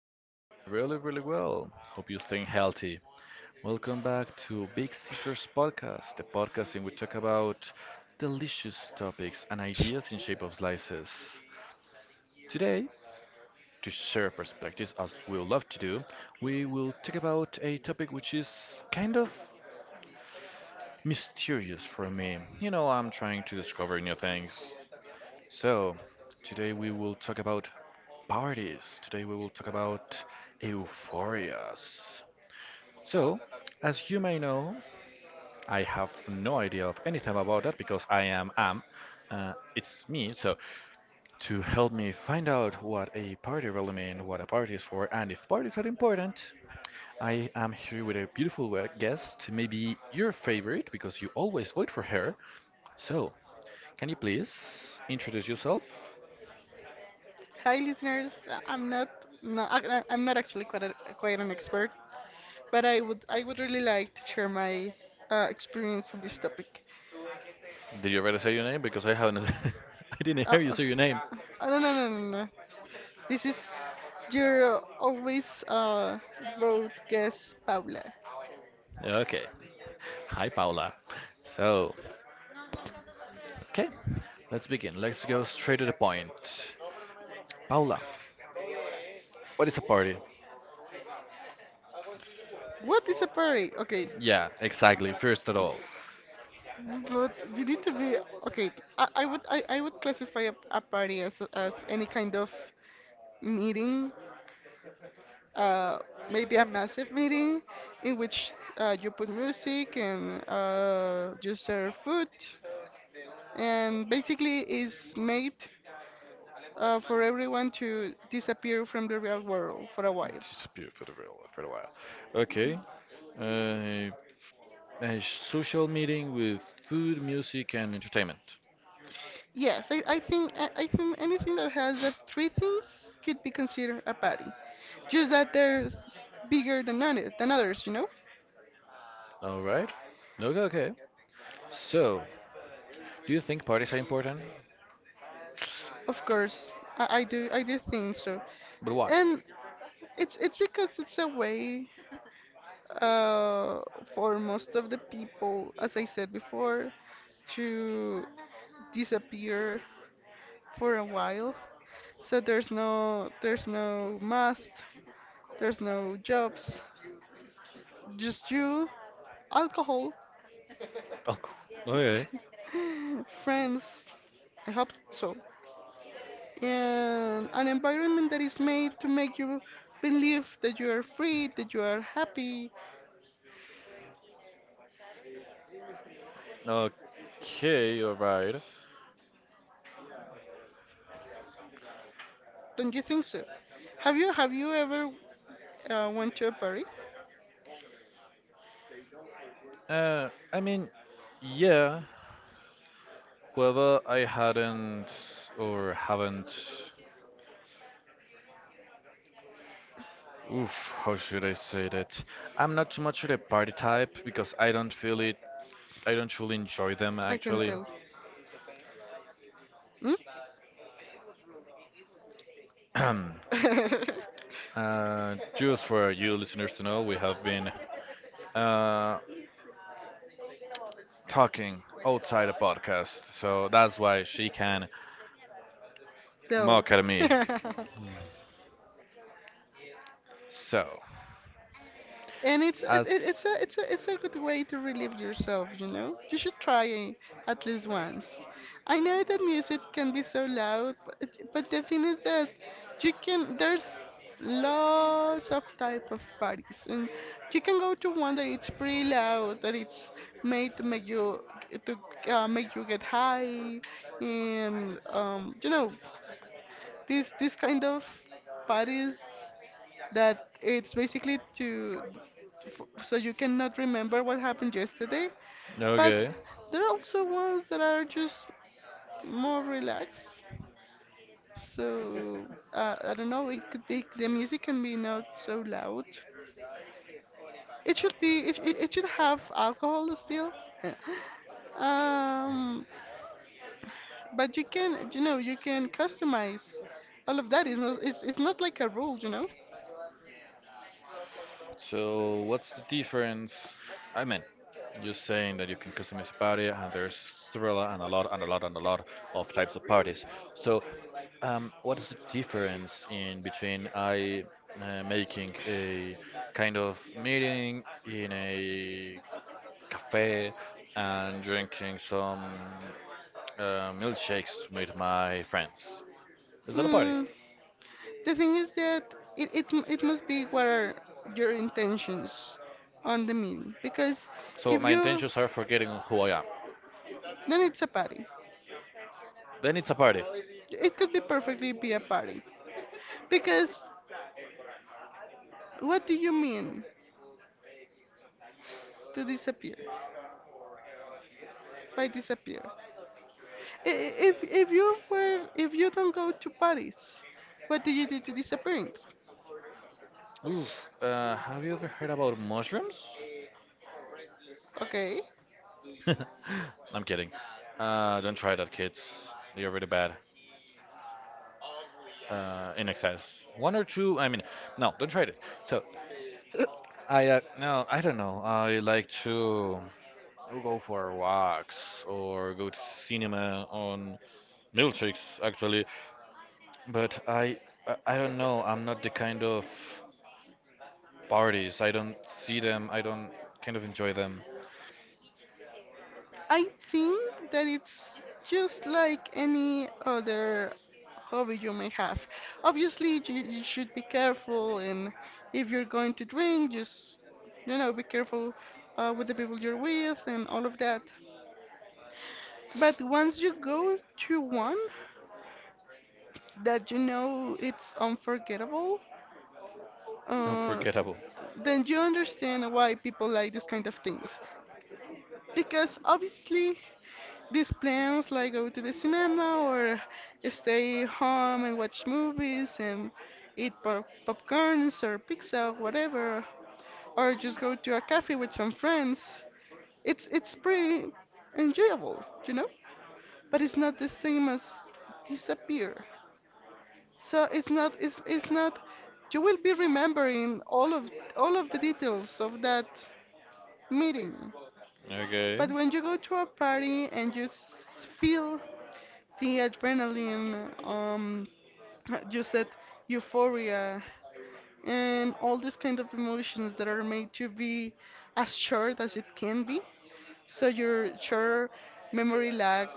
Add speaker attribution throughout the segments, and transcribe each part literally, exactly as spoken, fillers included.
Speaker 1: Hope you're doing really, really well. Hope you're staying healthy. Welcome back to Big Sisters Podcast, the podcast in which we talk about delicious topics and ideas in shape of slices. Today, to share perspectives as we love to do, we will talk about a topic which is kind of mysterious for me. You know, I'm trying to discover new things. So, today we will talk about parties. Today we will talk about euphorias. So, as you may know, I have no idea of anything about that because I am am. Uh, it's me. So, to help me find out what a party really means, what a party is for, and if parties are important, I am here with a beautiful we- guest, maybe your favorite because you always vote for her. So, can you please introduce yourself?
Speaker 2: Hi, listeners. I'm not no, I, I- I'm not actually quite a, quite an expert, but I would I would really like to share my uh, experience on this topic.
Speaker 1: Did you already say your name? Because I haven't. I didn't
Speaker 2: Uh,
Speaker 1: hear you
Speaker 2: uh,
Speaker 1: say your name.
Speaker 2: oh, no, no, no, no, no. This is your always uh road guest, Paula.
Speaker 1: Okay. Hi, Paula. So, okay, let's begin. Let's go straight to the point. Paula, what is a party?
Speaker 2: What is a party? Okay,
Speaker 1: Yeah, exactly. First at all,
Speaker 2: but you need to be okay. I, I would I, I would classify a, a party as as any kind of meeting, uh, maybe a massive meeting in which uh, you put music and, uh, you serve food, and basically is made uh, for everyone to disappear from the real world for a while.
Speaker 1: disappear for the real for a while. Okay, uh, a social meeting with food, music, and entertainment.
Speaker 2: Yes, I, I think I, I think anything that has that three things could be considered a party. Just that they're s- bigger than others, than others, you know.
Speaker 1: All right. Okay, okay. So, do you think parties are important?
Speaker 2: Of course, I, I do I do think so,
Speaker 1: Bro-
Speaker 2: and it's it's because it's a way, uh, for most of the people, as I said before, to disappear for a while. So there's no there's no must, there's no jobs, just you, alcohol,
Speaker 1: Oh, okay.
Speaker 2: friends. I hope so. And an environment that is made to make you believe that you are free, that you are happy.
Speaker 1: Okay, alright.
Speaker 2: Don't you think so? Have you have you ever uh, went to a party?
Speaker 1: Uh, I mean, yeah. Whether I hadn't or haven't, oof, how should I say that? I'm not too much of a party type because I don't feel it. I don't truly enjoy them
Speaker 2: I can
Speaker 1: actually.
Speaker 2: tell. Hmm?
Speaker 1: uh, just for you listeners to know, we have been uh, talking outside a podcast, so that's why she can
Speaker 2: No.
Speaker 1: mock at me. So,
Speaker 2: And it's it, it- it's a it's a it's a good way to relieve yourself, you know. You should try it at least once. I know that music can be so loud, but, but the thing is that you can there's lots of type of parties, and you can go to one that it's pretty loud, that it's made to make you to uh, make you get high, and um you know, this this kind of parties that it's basically to f- so you cannot remember what happened yesterday, but
Speaker 1: okay.
Speaker 2: there are also ones that are just more relaxed. So uh, I don't know, it could be the music can be not so loud. It should be, it, it, it should have alcohol still. um but you can, you know, you can customize all of that. It's not, it's, it's not like a rule, you know.
Speaker 1: So what's the difference? I mean, just saying that you can customize a party, and there's several and a lot and a lot and a lot of types of parties. So, um, what is the difference in between I uh, making a kind of meeting in a cafe and drinking some uh, milkshakes with my friends? Is that a party?
Speaker 2: Mm, the thing is that it, it, m- it must be what are your intentions on the meal. Because
Speaker 1: So
Speaker 2: if
Speaker 1: my
Speaker 2: you,
Speaker 1: intentions are forgetting who I am.
Speaker 2: then it's a party.
Speaker 1: Then it's a party.
Speaker 2: It could be perfectly be a party. Because what do you mean to disappear? By disappear? I- i- If, if you were, if you don't go to parties, what do you do to disappearing?
Speaker 1: Oof. Uh, have you ever heard about mushrooms?
Speaker 2: Okay.
Speaker 1: I'm kidding. Uh, don't try that, kids. They're really bad. Uh, in excess. One or two. I mean, no, don't try it. So, I uh, no, I don't know. I like to go for walks or go to cinema on milkshakes, actually. But I, I I don't know. I'm not the kind of parties. I don't see them. I don't kind of enjoy them.
Speaker 2: I think that it's just like any other hobby you may have. Obviously, you, you should be careful, and if you're going to drink, just, you know, be careful uh, with the people you're with and all of that. But once you go to one that you know it's unforgettable, uh,
Speaker 1: Unforgettable.
Speaker 2: then you understand why people like this kind of things. Because obviously, these plans like go to the cinema or stay home and watch movies and eat pop- popcorns or pizza, whatever, or just go to a cafe with some friends. It's it's pretty enjoyable, you know? But it's not the same as disappear. So it's not it's it's not, you will be remembering all of all of the details of that meeting.
Speaker 1: Okay.
Speaker 2: But when you go to a party and you s- feel the adrenaline, um, you said euphoria, and all these kind of emotions that are made to be as short as it can be. So your short memory lag,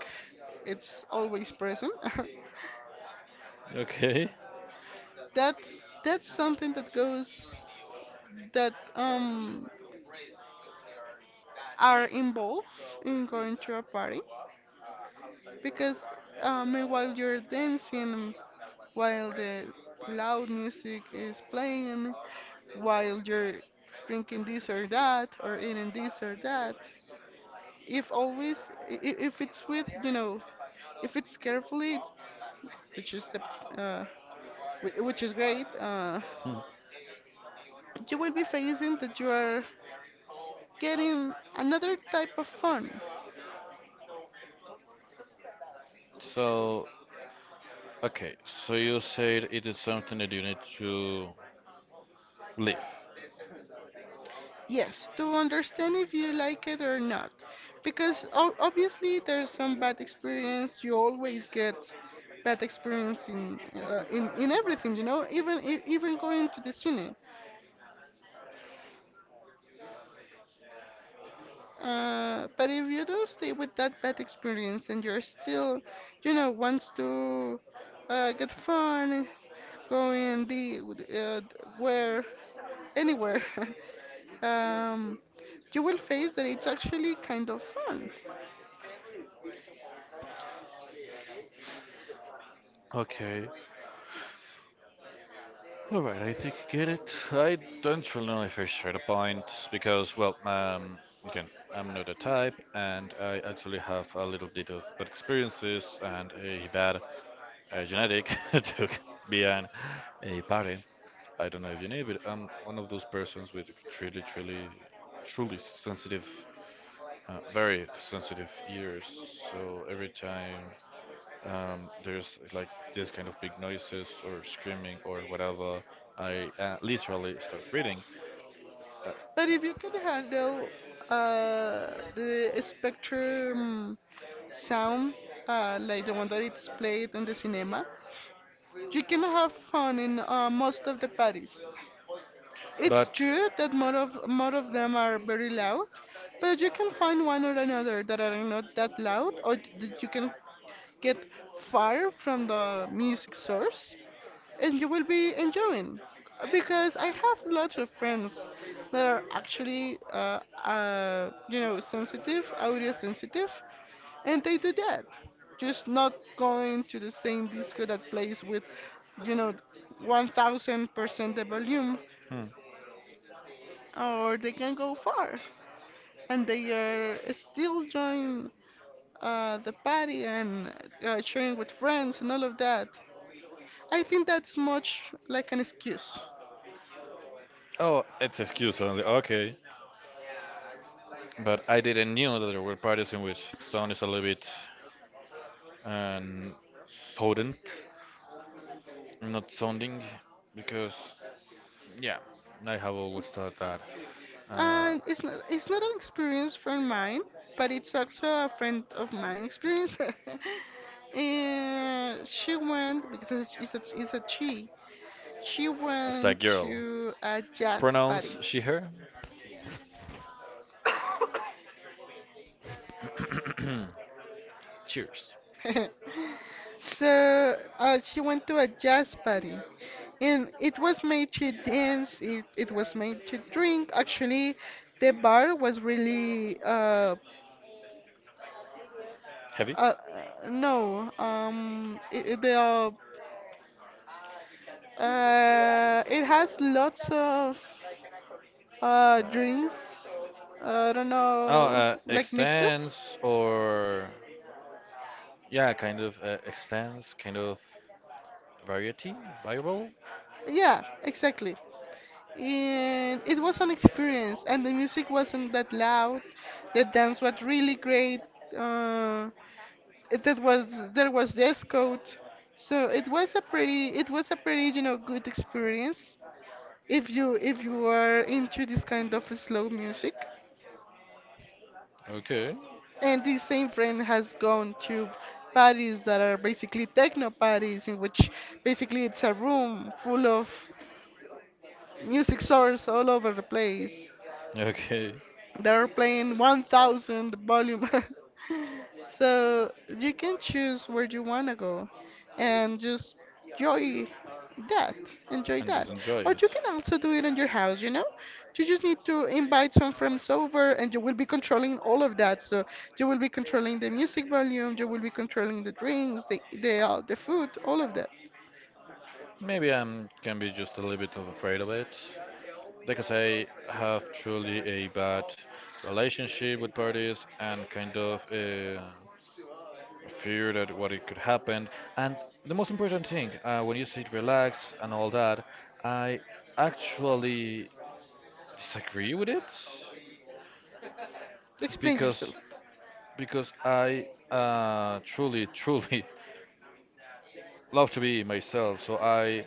Speaker 2: it's always present.
Speaker 1: Okay.
Speaker 2: that's that's something that goes that um are involved in going to a party, because um, while you're dancing, while the loud music is playing, while you're drinking this or that, or eating this or that. If always, i- i- if it's with, you know, if it's carefully, it's, which is the, uh, whi- which is great, uh,
Speaker 1: Hmm.
Speaker 2: you will be facing that you are getting another type of fun.
Speaker 1: So, okay, so you said it is something that you need to leave.
Speaker 2: Yes, to understand if you like it or not. Because o- obviously there's some bad experience. You always get bad experience in, uh, in, in everything, you know, even e- even going to the cine. Uh, but if you don't stay with that bad experience and you're still, you know, wants to uh, get fun, going the uh, where anywhere, um, you will face that it's actually kind of fun.
Speaker 1: Okay, alright, I think I get it. I don't really know if I share the point because, well, um, again, I'm not the type and I actually have a little bit of bad experiences and a bad uh, genetic to be an, a party. I don't know if you knew, but I'm one of those persons with truly, truly, truly sensitive uh, very sensitive ears. So every time um, there's like this kind of big noises or screaming or whatever, I uh, literally start reading. Uh,
Speaker 2: But if you can handle uh, the spectrum sound, uh, like the one that it's played in the cinema, you can have fun in uh, most of the parties. It's true that more of more of them are very loud, but you can find one or another that are not that loud, or that you can get far from the music source, and you will be enjoying because I have lots of friends that are actually, uh, uh, you know, sensitive, audio sensitive, and they do that. Just not going to the same disco that plays with, you know, one thousand percent the volume,
Speaker 1: hmm.
Speaker 2: or they can go far and they are still join uh, the party and uh, sharing with friends and all of that. I think that's much like an excuse.
Speaker 1: Oh, it's excuse only. Okay, but I didn't knew that there were parties in which sound is a little bit um, potent, not sounding, because yeah, I have always thought that uh,
Speaker 2: And it's not it's not an experience from mine, but it's also a friend of mine experience. And she went because it's, it's, a, it's a she. She
Speaker 1: it's a
Speaker 2: went
Speaker 1: girl.
Speaker 2: to a jazz party.
Speaker 1: Pronounce she her. Cheers.
Speaker 2: So uh, she went to a jazz party, and it was made to dance. It it was made to drink. Actually, the bar was really uh
Speaker 1: Heavy.
Speaker 2: uh uh, no, um i i- the uh, uh, it has lots of uh, drinks. I don't
Speaker 1: Oh,
Speaker 2: know,
Speaker 1: uh,
Speaker 2: like mixes.
Speaker 1: extends or yeah, kind of uh, extends, kind of variety, variable.
Speaker 2: Yeah, exactly. And it was an experience, and the music wasn't that loud. The dance was really great. Uh, it- that was, there was dress code, so it was a pretty, it was a pretty, you know, good experience if you, if you are into this kind of slow music.
Speaker 1: Okay,
Speaker 2: And this same friend has gone to parties that are basically techno parties, in which basically it's a room full of music source all over the place.
Speaker 1: okay,
Speaker 2: They're playing one thousand volume. So you can choose where you want to go and just enjoy that. Enjoy that. Or
Speaker 1: enjoy.
Speaker 2: you can also do it in your house, you know? You just need to invite some friends over and you will be controlling all of that. So you will be controlling the music volume, you will be controlling the drinks, the the, uh, the food, all of that.
Speaker 1: Maybe I can be just a little bit of afraid of it because I have truly a bad relationship with parties and kind of uh, fear that what it could happen. And the most important thing, uh, when you sit relax and all that, I actually disagree with it
Speaker 2: Explain yourself.
Speaker 1: because because I uh, truly, truly love to be myself. So I,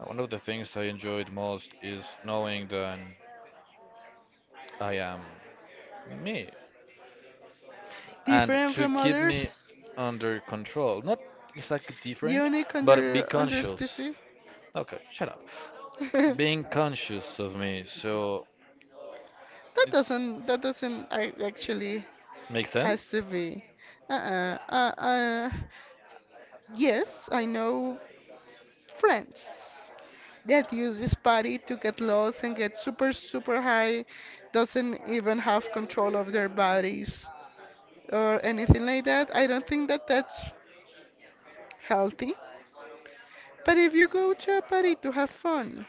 Speaker 1: uh, one of the things I enjoyed most is knowing that I am me, and
Speaker 2: Different
Speaker 1: to
Speaker 2: from
Speaker 1: keep
Speaker 2: others?
Speaker 1: me under control. Not exactly different,
Speaker 2: Unique on
Speaker 1: but be
Speaker 2: your on your
Speaker 1: conscious.
Speaker 2: species?
Speaker 1: Okay, shut up. Being conscious of me. So
Speaker 2: That doesn't that doesn't ac- actually
Speaker 1: makes sense.
Speaker 2: has to be. Uh-uh. Uh, uh, yes, I know friends that use this party to get lost and get super super high, doesn't even have control of their bodies or anything like that. I don't think that that's healthy. But if you go to a party to have fun,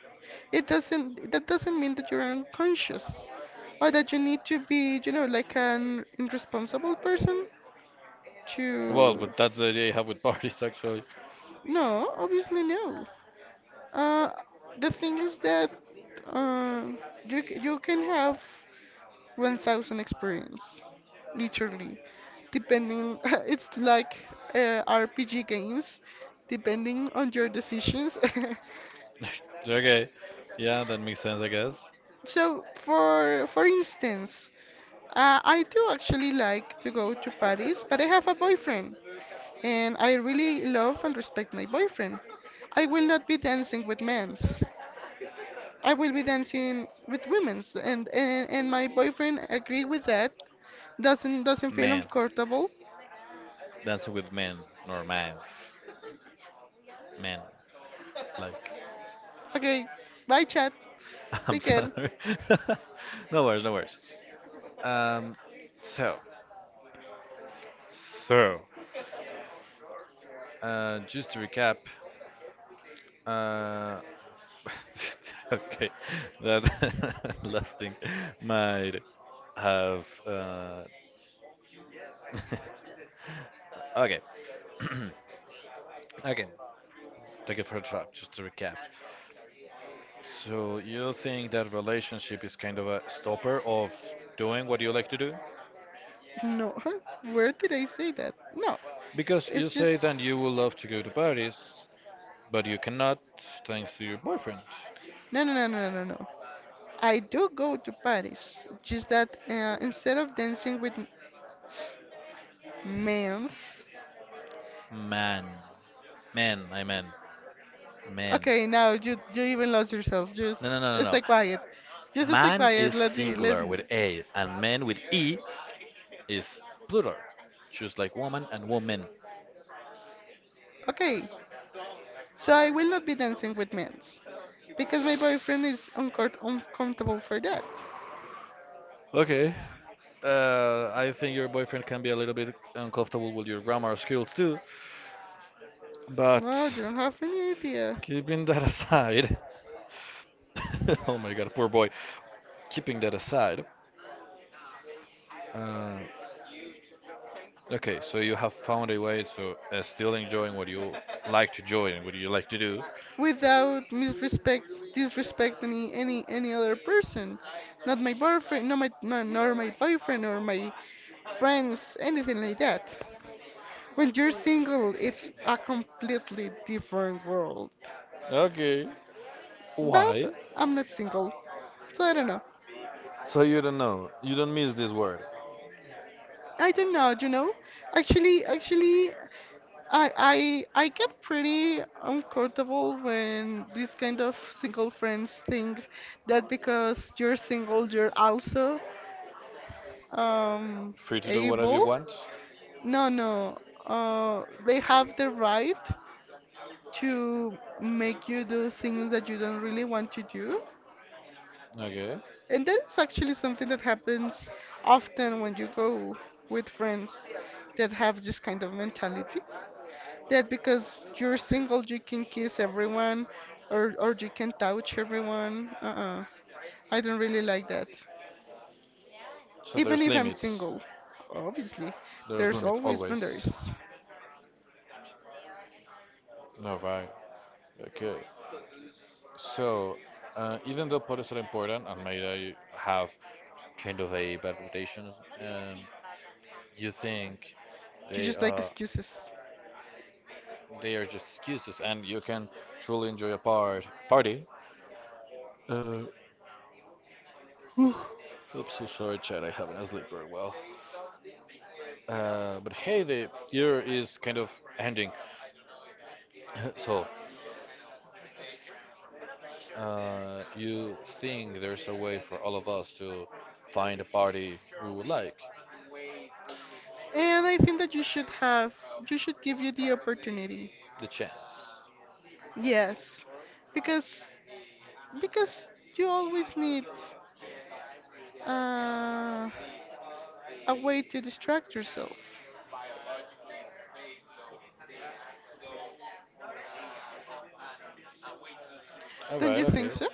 Speaker 2: it doesn't that doesn't mean that you're unconscious or that you need to be, you know, like an irresponsible person.
Speaker 1: Well,
Speaker 2: To
Speaker 1: but that's the idea I have with parties actually.
Speaker 2: no, obviously no, uh the thing is that uh, you c- you can have one thousand experience literally depending. It's like uh, rpg games, depending on your decisions.
Speaker 1: okay, yeah, that makes sense, I guess.
Speaker 2: So for for instance uh, I do actually like to go to Paris, but I have a boyfriend, and I really love and respect my boyfriend. I will not be dancing with men. I will be dancing with women's, and, and and my boyfriend agree with that. Doesn't doesn't feel uncomfortable.
Speaker 1: Dancing with men or mans, men.
Speaker 2: Okay, bye chat.
Speaker 1: I'm
Speaker 2: Take care.
Speaker 1: sorry. no worries, no worries. Um, so, so, uh, just to recap, uh, okay, that last thing might have, uh, okay, again, take it for a trap, just to recap. So, you think that relationship is kind of a stopper of doing what you like to do?
Speaker 2: No, where did I say that? No,
Speaker 1: Because you
Speaker 2: it's just
Speaker 1: say that you would love to go to Paris, but you cannot, thanks to your boyfriend.
Speaker 2: no, no, no, no, no, no. I do go to Paris. Just that, uh, instead of dancing with m- men,
Speaker 1: Man. Man, I mean. Man.
Speaker 2: okay now you you even lost yourself. Just
Speaker 1: No, no, no, no, no.
Speaker 2: stay quiet. Just stay quiet. Let's be let's.
Speaker 1: Singular with A and man with E is plural. Just like woman and woman.
Speaker 2: Okay, so I will not be dancing with men, because my boyfriend is uncor- uncomfortable for that.
Speaker 1: Okay. Uh, I think your boyfriend can be a little bit uncomfortable with your grammar skills too. But
Speaker 2: No, you don't have any idea.
Speaker 1: keeping that aside. oh my god, poor boy. Keeping that aside. Uh, Okay, so you have found a way, so uh, still enjoying what you like to enjoy and what you like to do.
Speaker 2: Without misrespect, disrespect any any any other person, not my boyfriend, not my, my nor my boyfriend or my friends, anything like that. When you're single, it's a completely different world.
Speaker 1: Okay, why?
Speaker 2: But I'm not single, so I don't know.
Speaker 1: So you don't know, you don't miss this word.
Speaker 2: I don't know, you know. Actually, actually, I I I get pretty uncomfortable when this kind of single friends think that because you're single you're also um
Speaker 1: Free to do whatever you
Speaker 2: able.
Speaker 1: want.
Speaker 2: No, no. Uh, they have the right to make you do things that you don't really want to do.
Speaker 1: Okay,
Speaker 2: And that is actually something that happens often when you go with friends that have this kind of mentality. That because you're single, you can kiss everyone, or or you can touch everyone. Uh-uh. I don't really like that.
Speaker 1: so
Speaker 2: Even
Speaker 1: there's
Speaker 2: if I'm
Speaker 1: limits.
Speaker 2: single, obviously,
Speaker 1: There's
Speaker 2: there's
Speaker 1: limits
Speaker 2: always
Speaker 1: always.
Speaker 2: boundaries.
Speaker 1: No, right. Okay, so uh, even though podcasts are important and may I have kind of a bad reputation, um, you think
Speaker 2: You
Speaker 1: they
Speaker 2: just like
Speaker 1: are
Speaker 2: excuses.
Speaker 1: they are just excuses, and you can truly enjoy a part party. Uh, whew, I'm so sorry, Chad. I haven't slept very well. Uh, but hey, the year is kind of ending. So, uh, you think there's a way for all of us to find a party we would like?
Speaker 2: And I think that you should have, you should give you the opportunity.
Speaker 1: The chance.
Speaker 2: Yes, because because you always need. Uh, a way to distract yourself.
Speaker 1: All
Speaker 2: Don't
Speaker 1: right,
Speaker 2: you
Speaker 1: okay.
Speaker 2: think so?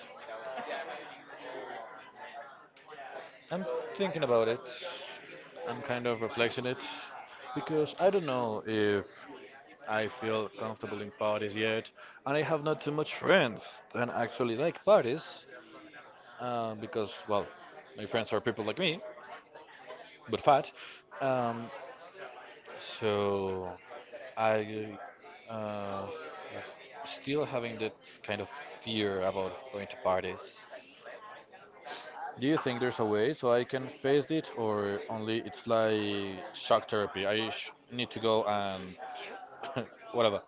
Speaker 1: I'm thinking about it. I'm kind of reflecting it because I don't know if I feel comfortable in parties yet, and I have not too much friends that actually like parties. Uh, because, well, my friends are people like me, but fat. Um, so I uh, still having that kind of fear about going to parties. Do you think there's a way so I can face it, or only it's like shock therapy? I sh- need to go and whatever.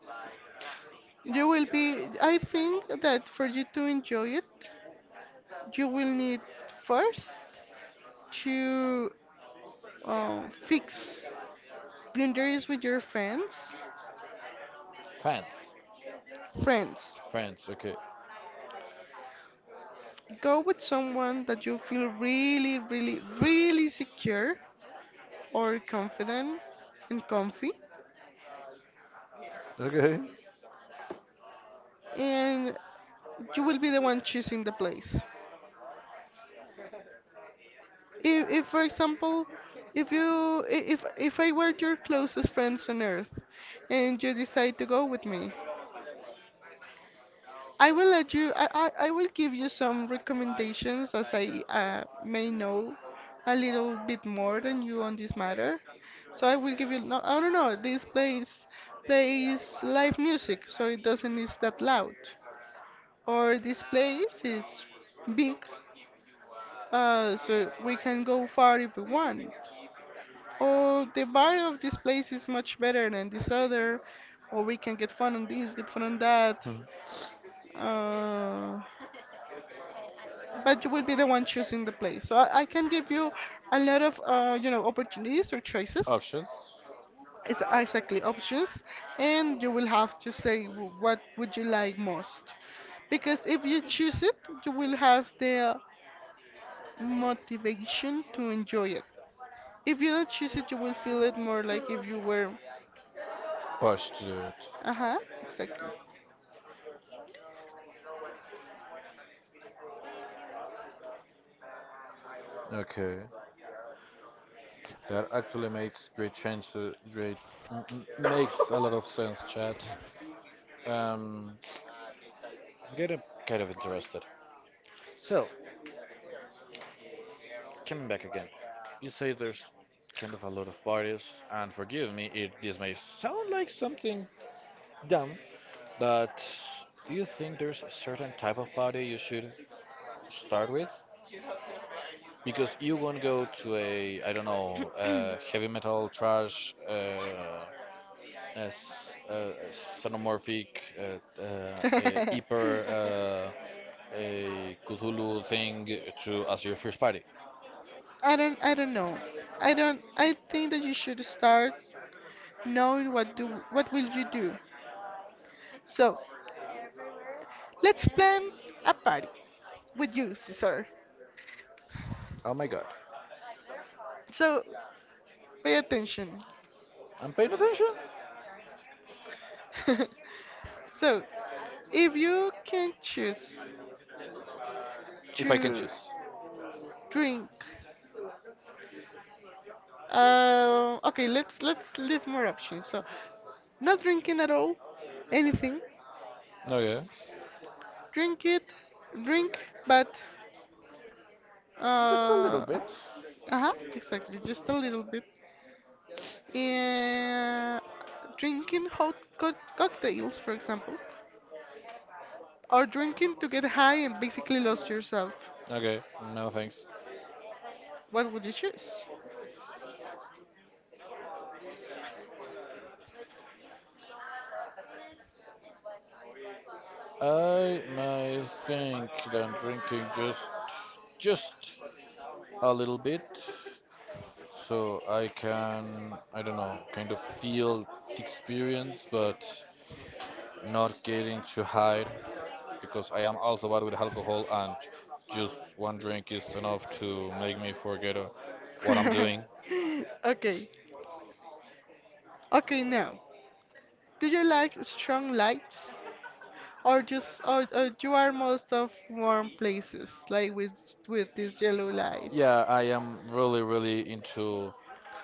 Speaker 2: You will be, I think that for you to enjoy it, you will need first to uh, fix boundaries with your friends.
Speaker 1: Friends,
Speaker 2: Friends,
Speaker 1: friends. Okay.
Speaker 2: go with someone that you feel really, really, really secure or confident and comfy,
Speaker 1: Okay.
Speaker 2: and you will be the one choosing the place. if, if for example if you i- if if I were your closest friends on earth and you decide to go with me I will let you i i, I will give you some recommendations as i uh, may know a little bit more than you on this matter. So I will give you, no I don't know, this place plays live music so it doesn't is that loud, or this place is big, uh so we can go far if we want, oh, the bar of this place is much better than this other, or we can get fun on this, get fun on that. Uh, but you will be the one choosing the place. So I, I can give you a lot of, uh, you know, opportunities or choices.
Speaker 1: Just
Speaker 2: It's exactly options, and you will have to say w- what would you like most. Because if you choose it, you will have the motivation to enjoy it. If you don't choose it, you will feel it more like if you were.
Speaker 1: push to do it.
Speaker 2: Uh huh, exactly.
Speaker 1: Okay. That actually makes great change. to- Great, mm, mm, makes a lot of sense, chat. Um, I getting kind of interested. So, coming back again, you say there's kind of a lot of parties, and forgive me if this may sound like something dumb, but do you think there's a certain type of party you should start with? Because you won't go to a, I don't know, uh, heavy metal trash. Uh, as uh, sonomorphic, uh, uh, uh, hyper uh, a Cthulhu thing to as your first party.
Speaker 2: I don't I don't know. I don't I think that you should start knowing what do what will you do. So, let's plan a party with you, Cesar.
Speaker 1: Oh my god.
Speaker 2: So, pay attention.
Speaker 1: I'm paying attention
Speaker 2: So, if you can choose
Speaker 1: if I can
Speaker 2: to
Speaker 1: choose.
Speaker 2: drink, uh, okay, let's let's leave more options. So, not drinking at all, anything,
Speaker 1: Okay,
Speaker 2: drink it, drink, but
Speaker 1: a little
Speaker 2: uh,
Speaker 1: bit.
Speaker 2: uh exactly, just a little bit. Yeah, drinking hot co- cocktails, for example, or drinking to get high and basically lost yourself.
Speaker 1: Okay, no thanks.
Speaker 2: What would you choose?
Speaker 1: I might think that drinking just just a little bit so I can I don't know kind of feel the experience, but not getting too high because I am also bad with alcohol and just one drink is enough to make me forget uh, what I'm doing.
Speaker 2: Okay, okay now. Do you like strong lights, or just, or, or you are most of warm places, like with with this yellow light?
Speaker 1: Yeah, I am really, really into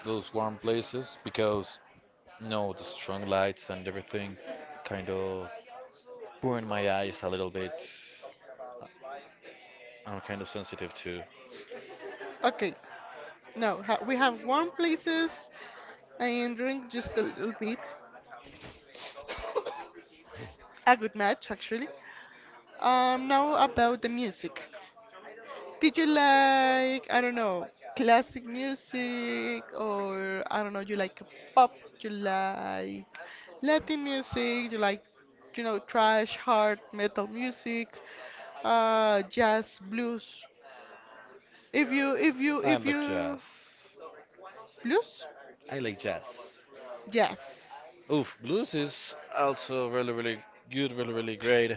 Speaker 1: those warm places because, you know, the strong lights and everything kind of burn my eyes a little bit. I'm kind of sensitive to
Speaker 2: Okay, now ha we have warm places, I am doing just a little bit. A good match, actually. Um, now about the music. Did you like, I don't know, classic music or I don't know, you like pop, you like Latin music, you like, you know, trash, hard metal music, uh, jazz, blues. If you, if you, if you,
Speaker 1: jazz.
Speaker 2: blues?
Speaker 1: I like jazz.
Speaker 2: Jazz.
Speaker 1: Oof, blues is also really, really good, really, really great.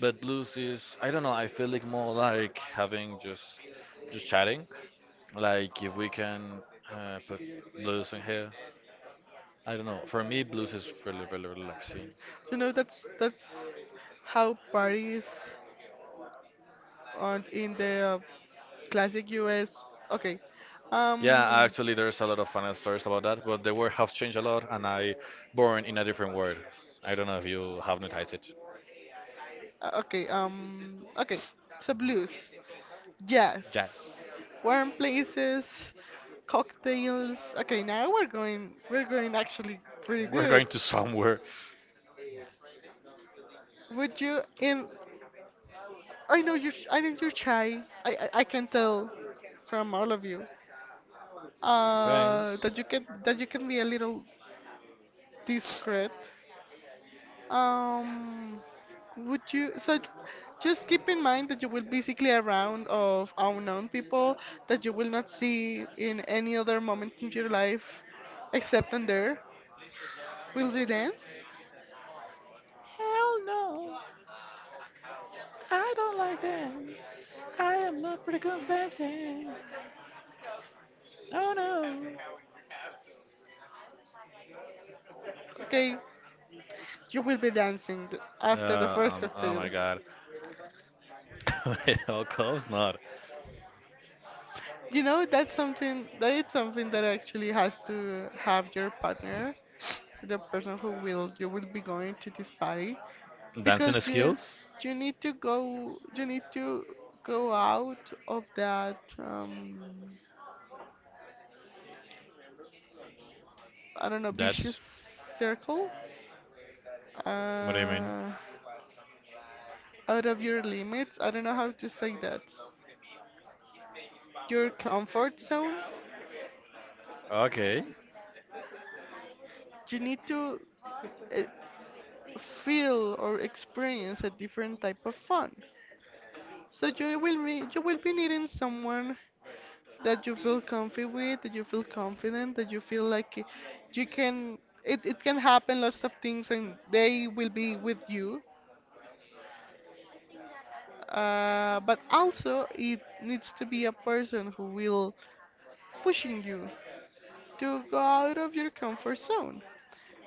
Speaker 1: But blues is I don't know, I feel like more like having just just chatting. Like if we can uh, put blues in here. I don't know. For me, blues is really, really relaxing.
Speaker 2: You know, that's that's how parties on in the Classic U S. Okay. Yeah.
Speaker 1: Yeah,
Speaker 2: Um.
Speaker 1: actually, there's a lot of fun stories about that, but the word has changed a lot, and I born in a different word. I don't know if you have noticed it.
Speaker 2: uh, Okay. Um. Okay. So blues, jazz,
Speaker 1: Jazz.
Speaker 2: warm places, cocktails. Okay. Now we're going. We're going actually pretty
Speaker 1: We're
Speaker 2: good.
Speaker 1: going to somewhere.
Speaker 2: Would you? And I know you. I know you're shy. I. I, I can tell from all of you. Uh, that you can. That you can be a little discreet. Um, would you so j- just keep in mind that you will basically a round of unknown people that you will not see in any other moment in your life except in there. Will you dance?
Speaker 1: Hell no. I don't like dance. I am not pretty good dancing. Oh no.
Speaker 2: Okay, you will be dancing th- after the first
Speaker 1: Um, oh
Speaker 2: cocktail.
Speaker 1: my God. of course not.
Speaker 2: You know that's something that it's something that actually has to have your partner, the person who will you will be going to this party.
Speaker 1: Dancing
Speaker 2: Because you
Speaker 1: skills?
Speaker 2: you need to go you need to go out of that um I don't know vicious circle,
Speaker 1: What do you mean?
Speaker 2: uh out of your limits, I don't know how to say that, your comfort zone.
Speaker 1: Okay.
Speaker 2: You need to uh, feel or experience a different type of fun. So you will be you will be needing someone that you feel comfy with, that you feel confident, that you feel like y- you can, it, it can happen lots of things and they will be with you. Uh, but also it needs to be a person who will pushing you to go out of your comfort zone.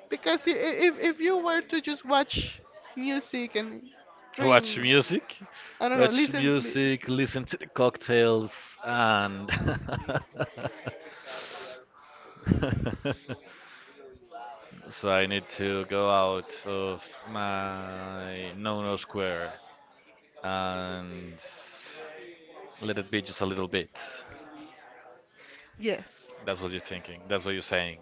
Speaker 2: Because i- i- if if you were to just watch music and drink,
Speaker 1: Watch music.
Speaker 2: I don't know,
Speaker 1: Watch
Speaker 2: listen, li-
Speaker 1: music, listen to the cocktails, and. so I need to go out of my no no square and let it be just a little bit.
Speaker 2: yes.
Speaker 1: That's what you're thinking. That's what you're saying.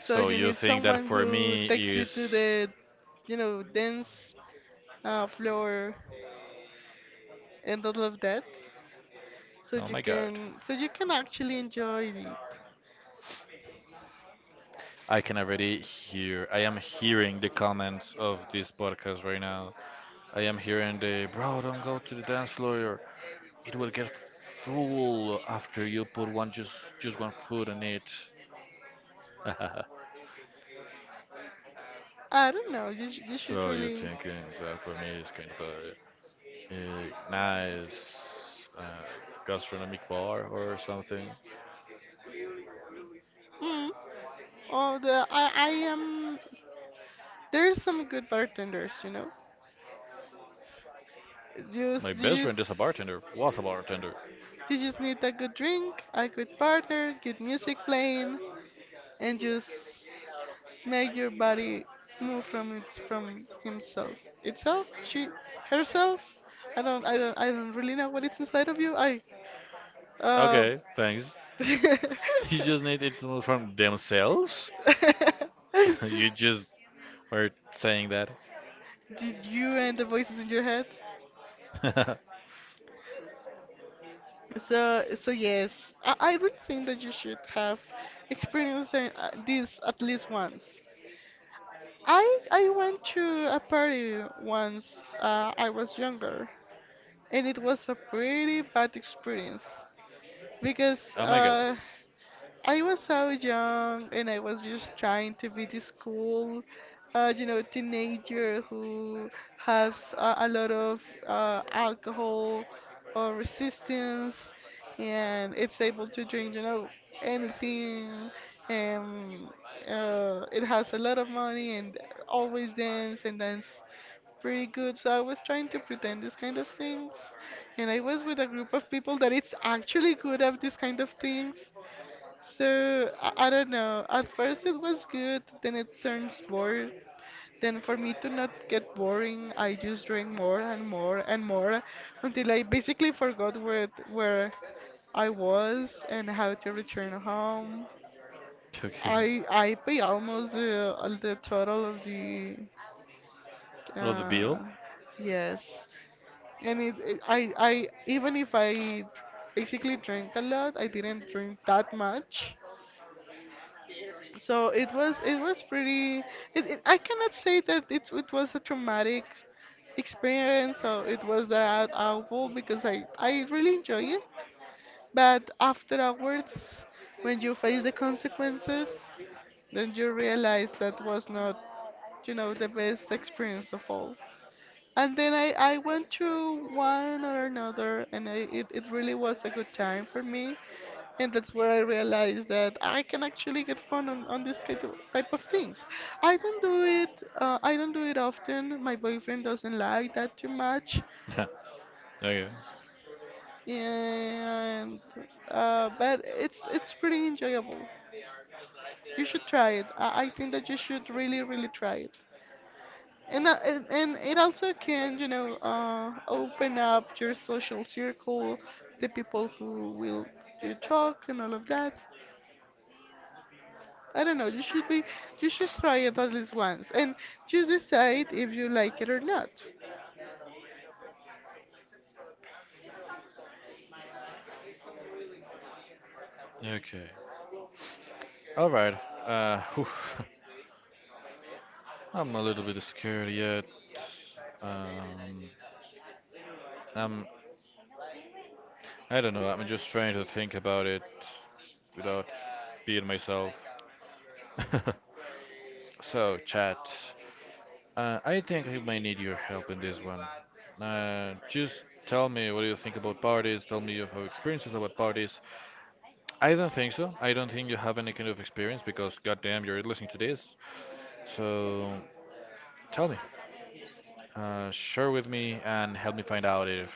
Speaker 2: So
Speaker 1: So
Speaker 2: you
Speaker 1: you
Speaker 2: need
Speaker 1: think that
Speaker 2: someone
Speaker 1: for
Speaker 2: who
Speaker 1: me
Speaker 2: takes you
Speaker 1: is.
Speaker 2: to the, you know, dance uh, floor and all of that, so
Speaker 1: Oh
Speaker 2: you
Speaker 1: my god.
Speaker 2: can so you can actually enjoy it.
Speaker 1: I can already hear. I am hearing the comments of this podcast right now. I am hearing the bro, don't go to the dance floor. It will get full after you put one just just one foot in it.
Speaker 2: I don't know. You sh- you should
Speaker 1: so you're
Speaker 2: really.
Speaker 1: thinking that for me is kind of a, a nice uh, gastronomic bar or something.
Speaker 2: Mm. Oh, the I I am. There are some good bartenders, you know.
Speaker 1: My
Speaker 2: Just
Speaker 1: best
Speaker 2: you just
Speaker 1: friend is a bartender. Was a bartender.
Speaker 2: you just need a good drink, a good partner, good music playing, and just make your body move from its from himself, itself, she, herself. I don't I don't I don't really know what it's inside of you. I uh.
Speaker 1: Okay, thanks. You just need it to know from themselves. You just were saying that.
Speaker 2: Did you and the voices in your head? So, so yes, I, I really think that you should have experienced uh, this at least once. I I went to a party once, uh, I was younger, and it was a pretty bad experience because uh, I was so young and I was just trying to be this cool, uh, you know, teenager who has uh, a lot of uh, alcohol or resistance and it's able to drink, you know, anything, and uh, it has a lot of money and always dance and dance pretty good. So I was trying to pretend these kind of things, and I was with a group of people that it's actually good at these kind of things. So I, I don't know. At first it was good, then it turns bored. Then for me to not get boring, I just drank more and more and more until I basically forgot where where I was and how to return home.
Speaker 1: Okay.
Speaker 2: I I pay almost the all the total of the
Speaker 1: Oh, the
Speaker 2: uh
Speaker 1: bill?
Speaker 2: yes. And it, it I I even if I basically drank a lot, I didn't drink that much. So it was it was pretty. It, it, I cannot say that it it was a traumatic experience or it was that awful, because I I really enjoy it. But after hours, when you face the consequences, then you realize that was not, you know, the best experience of all. And then I I went through one or another, and I, it it really was a good time for me, and that's where I realized that I can actually get fun on, on this kind of- type of things. I don't do it. Uh, I don't do it often. My boyfriend doesn't like that too much,
Speaker 1: Okay.
Speaker 2: and uh, but it's it's pretty enjoyable. You should try it. I, I think that you should really really try it. And, uh, and and it also can, you know, uh, open up your social circle, the people who will you talk and all of that. I don't know. You should be, you should try it at least once, and just decide if you like it or not.
Speaker 1: Okay. All right. Uh, whew. I'm a little bit scared yet. Um, I'm. I don't know. I'm just trying to think about it without being myself. So, chat. Uh, I think I might need your help in this one. Uh, just tell me what do you think about parties. Tell me of your experiences about parties. I don't think so. I don't think you have any kind of experience because, goddamn, you're listening to this. So tell me, uh, share with me, and help me find out if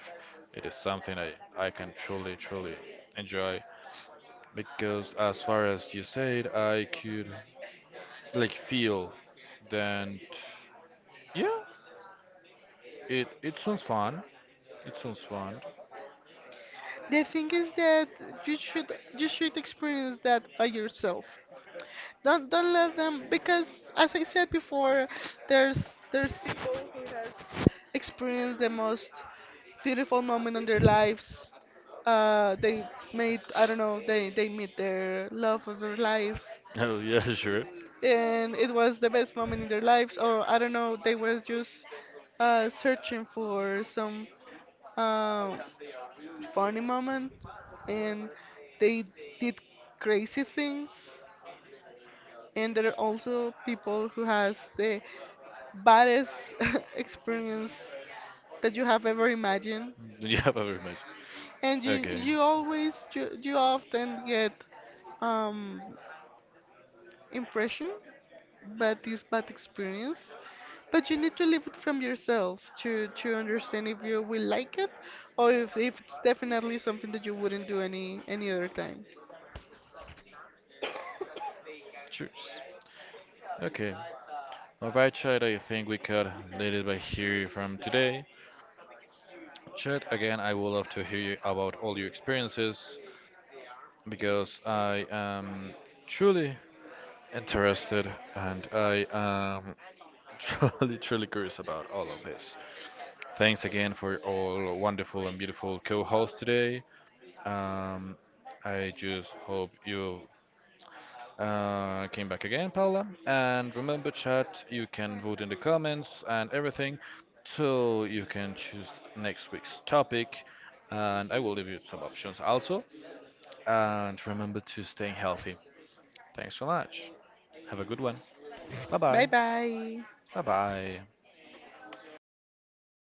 Speaker 1: it is something I, I can truly, truly enjoy. Because, as far as you said, I could like feel, then yeah, it, it sounds fun. It sounds fun.
Speaker 2: The thing is that you should you should experience that by yourself. Don't don't let them, because as I said before, there's there's people who has experienced the most beautiful moment in their lives. Uh, they made, I don't know, they they meet their love of their lives.
Speaker 1: Oh, yeah, sure.
Speaker 2: And it was the best moment in their lives, or I don't know they were just uh, searching for some uh, funny moment, and they did crazy things. And there are also people who has the baddest experience that you have ever imagined.
Speaker 1: You have very much.
Speaker 2: And you you always you, you often get um impression. But this bad experience, but you need to live it from yourself to to understand if you will like it, or if, if it's definitely something that you wouldn't do any any other time.
Speaker 1: Cheers. Okay. Alright, child, I think we could leave it by here from today. Chat. Again, I would love to hear you about all your experiences because I am truly interested and I am truly, truly curious about all of this. Thanks again for all wonderful and beautiful co hosts today. Um, I just hope you uh, came back again, Paula. And remember, chat, you can vote in the comments and everything. So you can choose next week's topic. And I will leave you some options also. And remember to stay healthy. Thanks so much. Have a good one. Bye
Speaker 2: Bye
Speaker 1: bye.
Speaker 2: bye.
Speaker 1: Bye bye.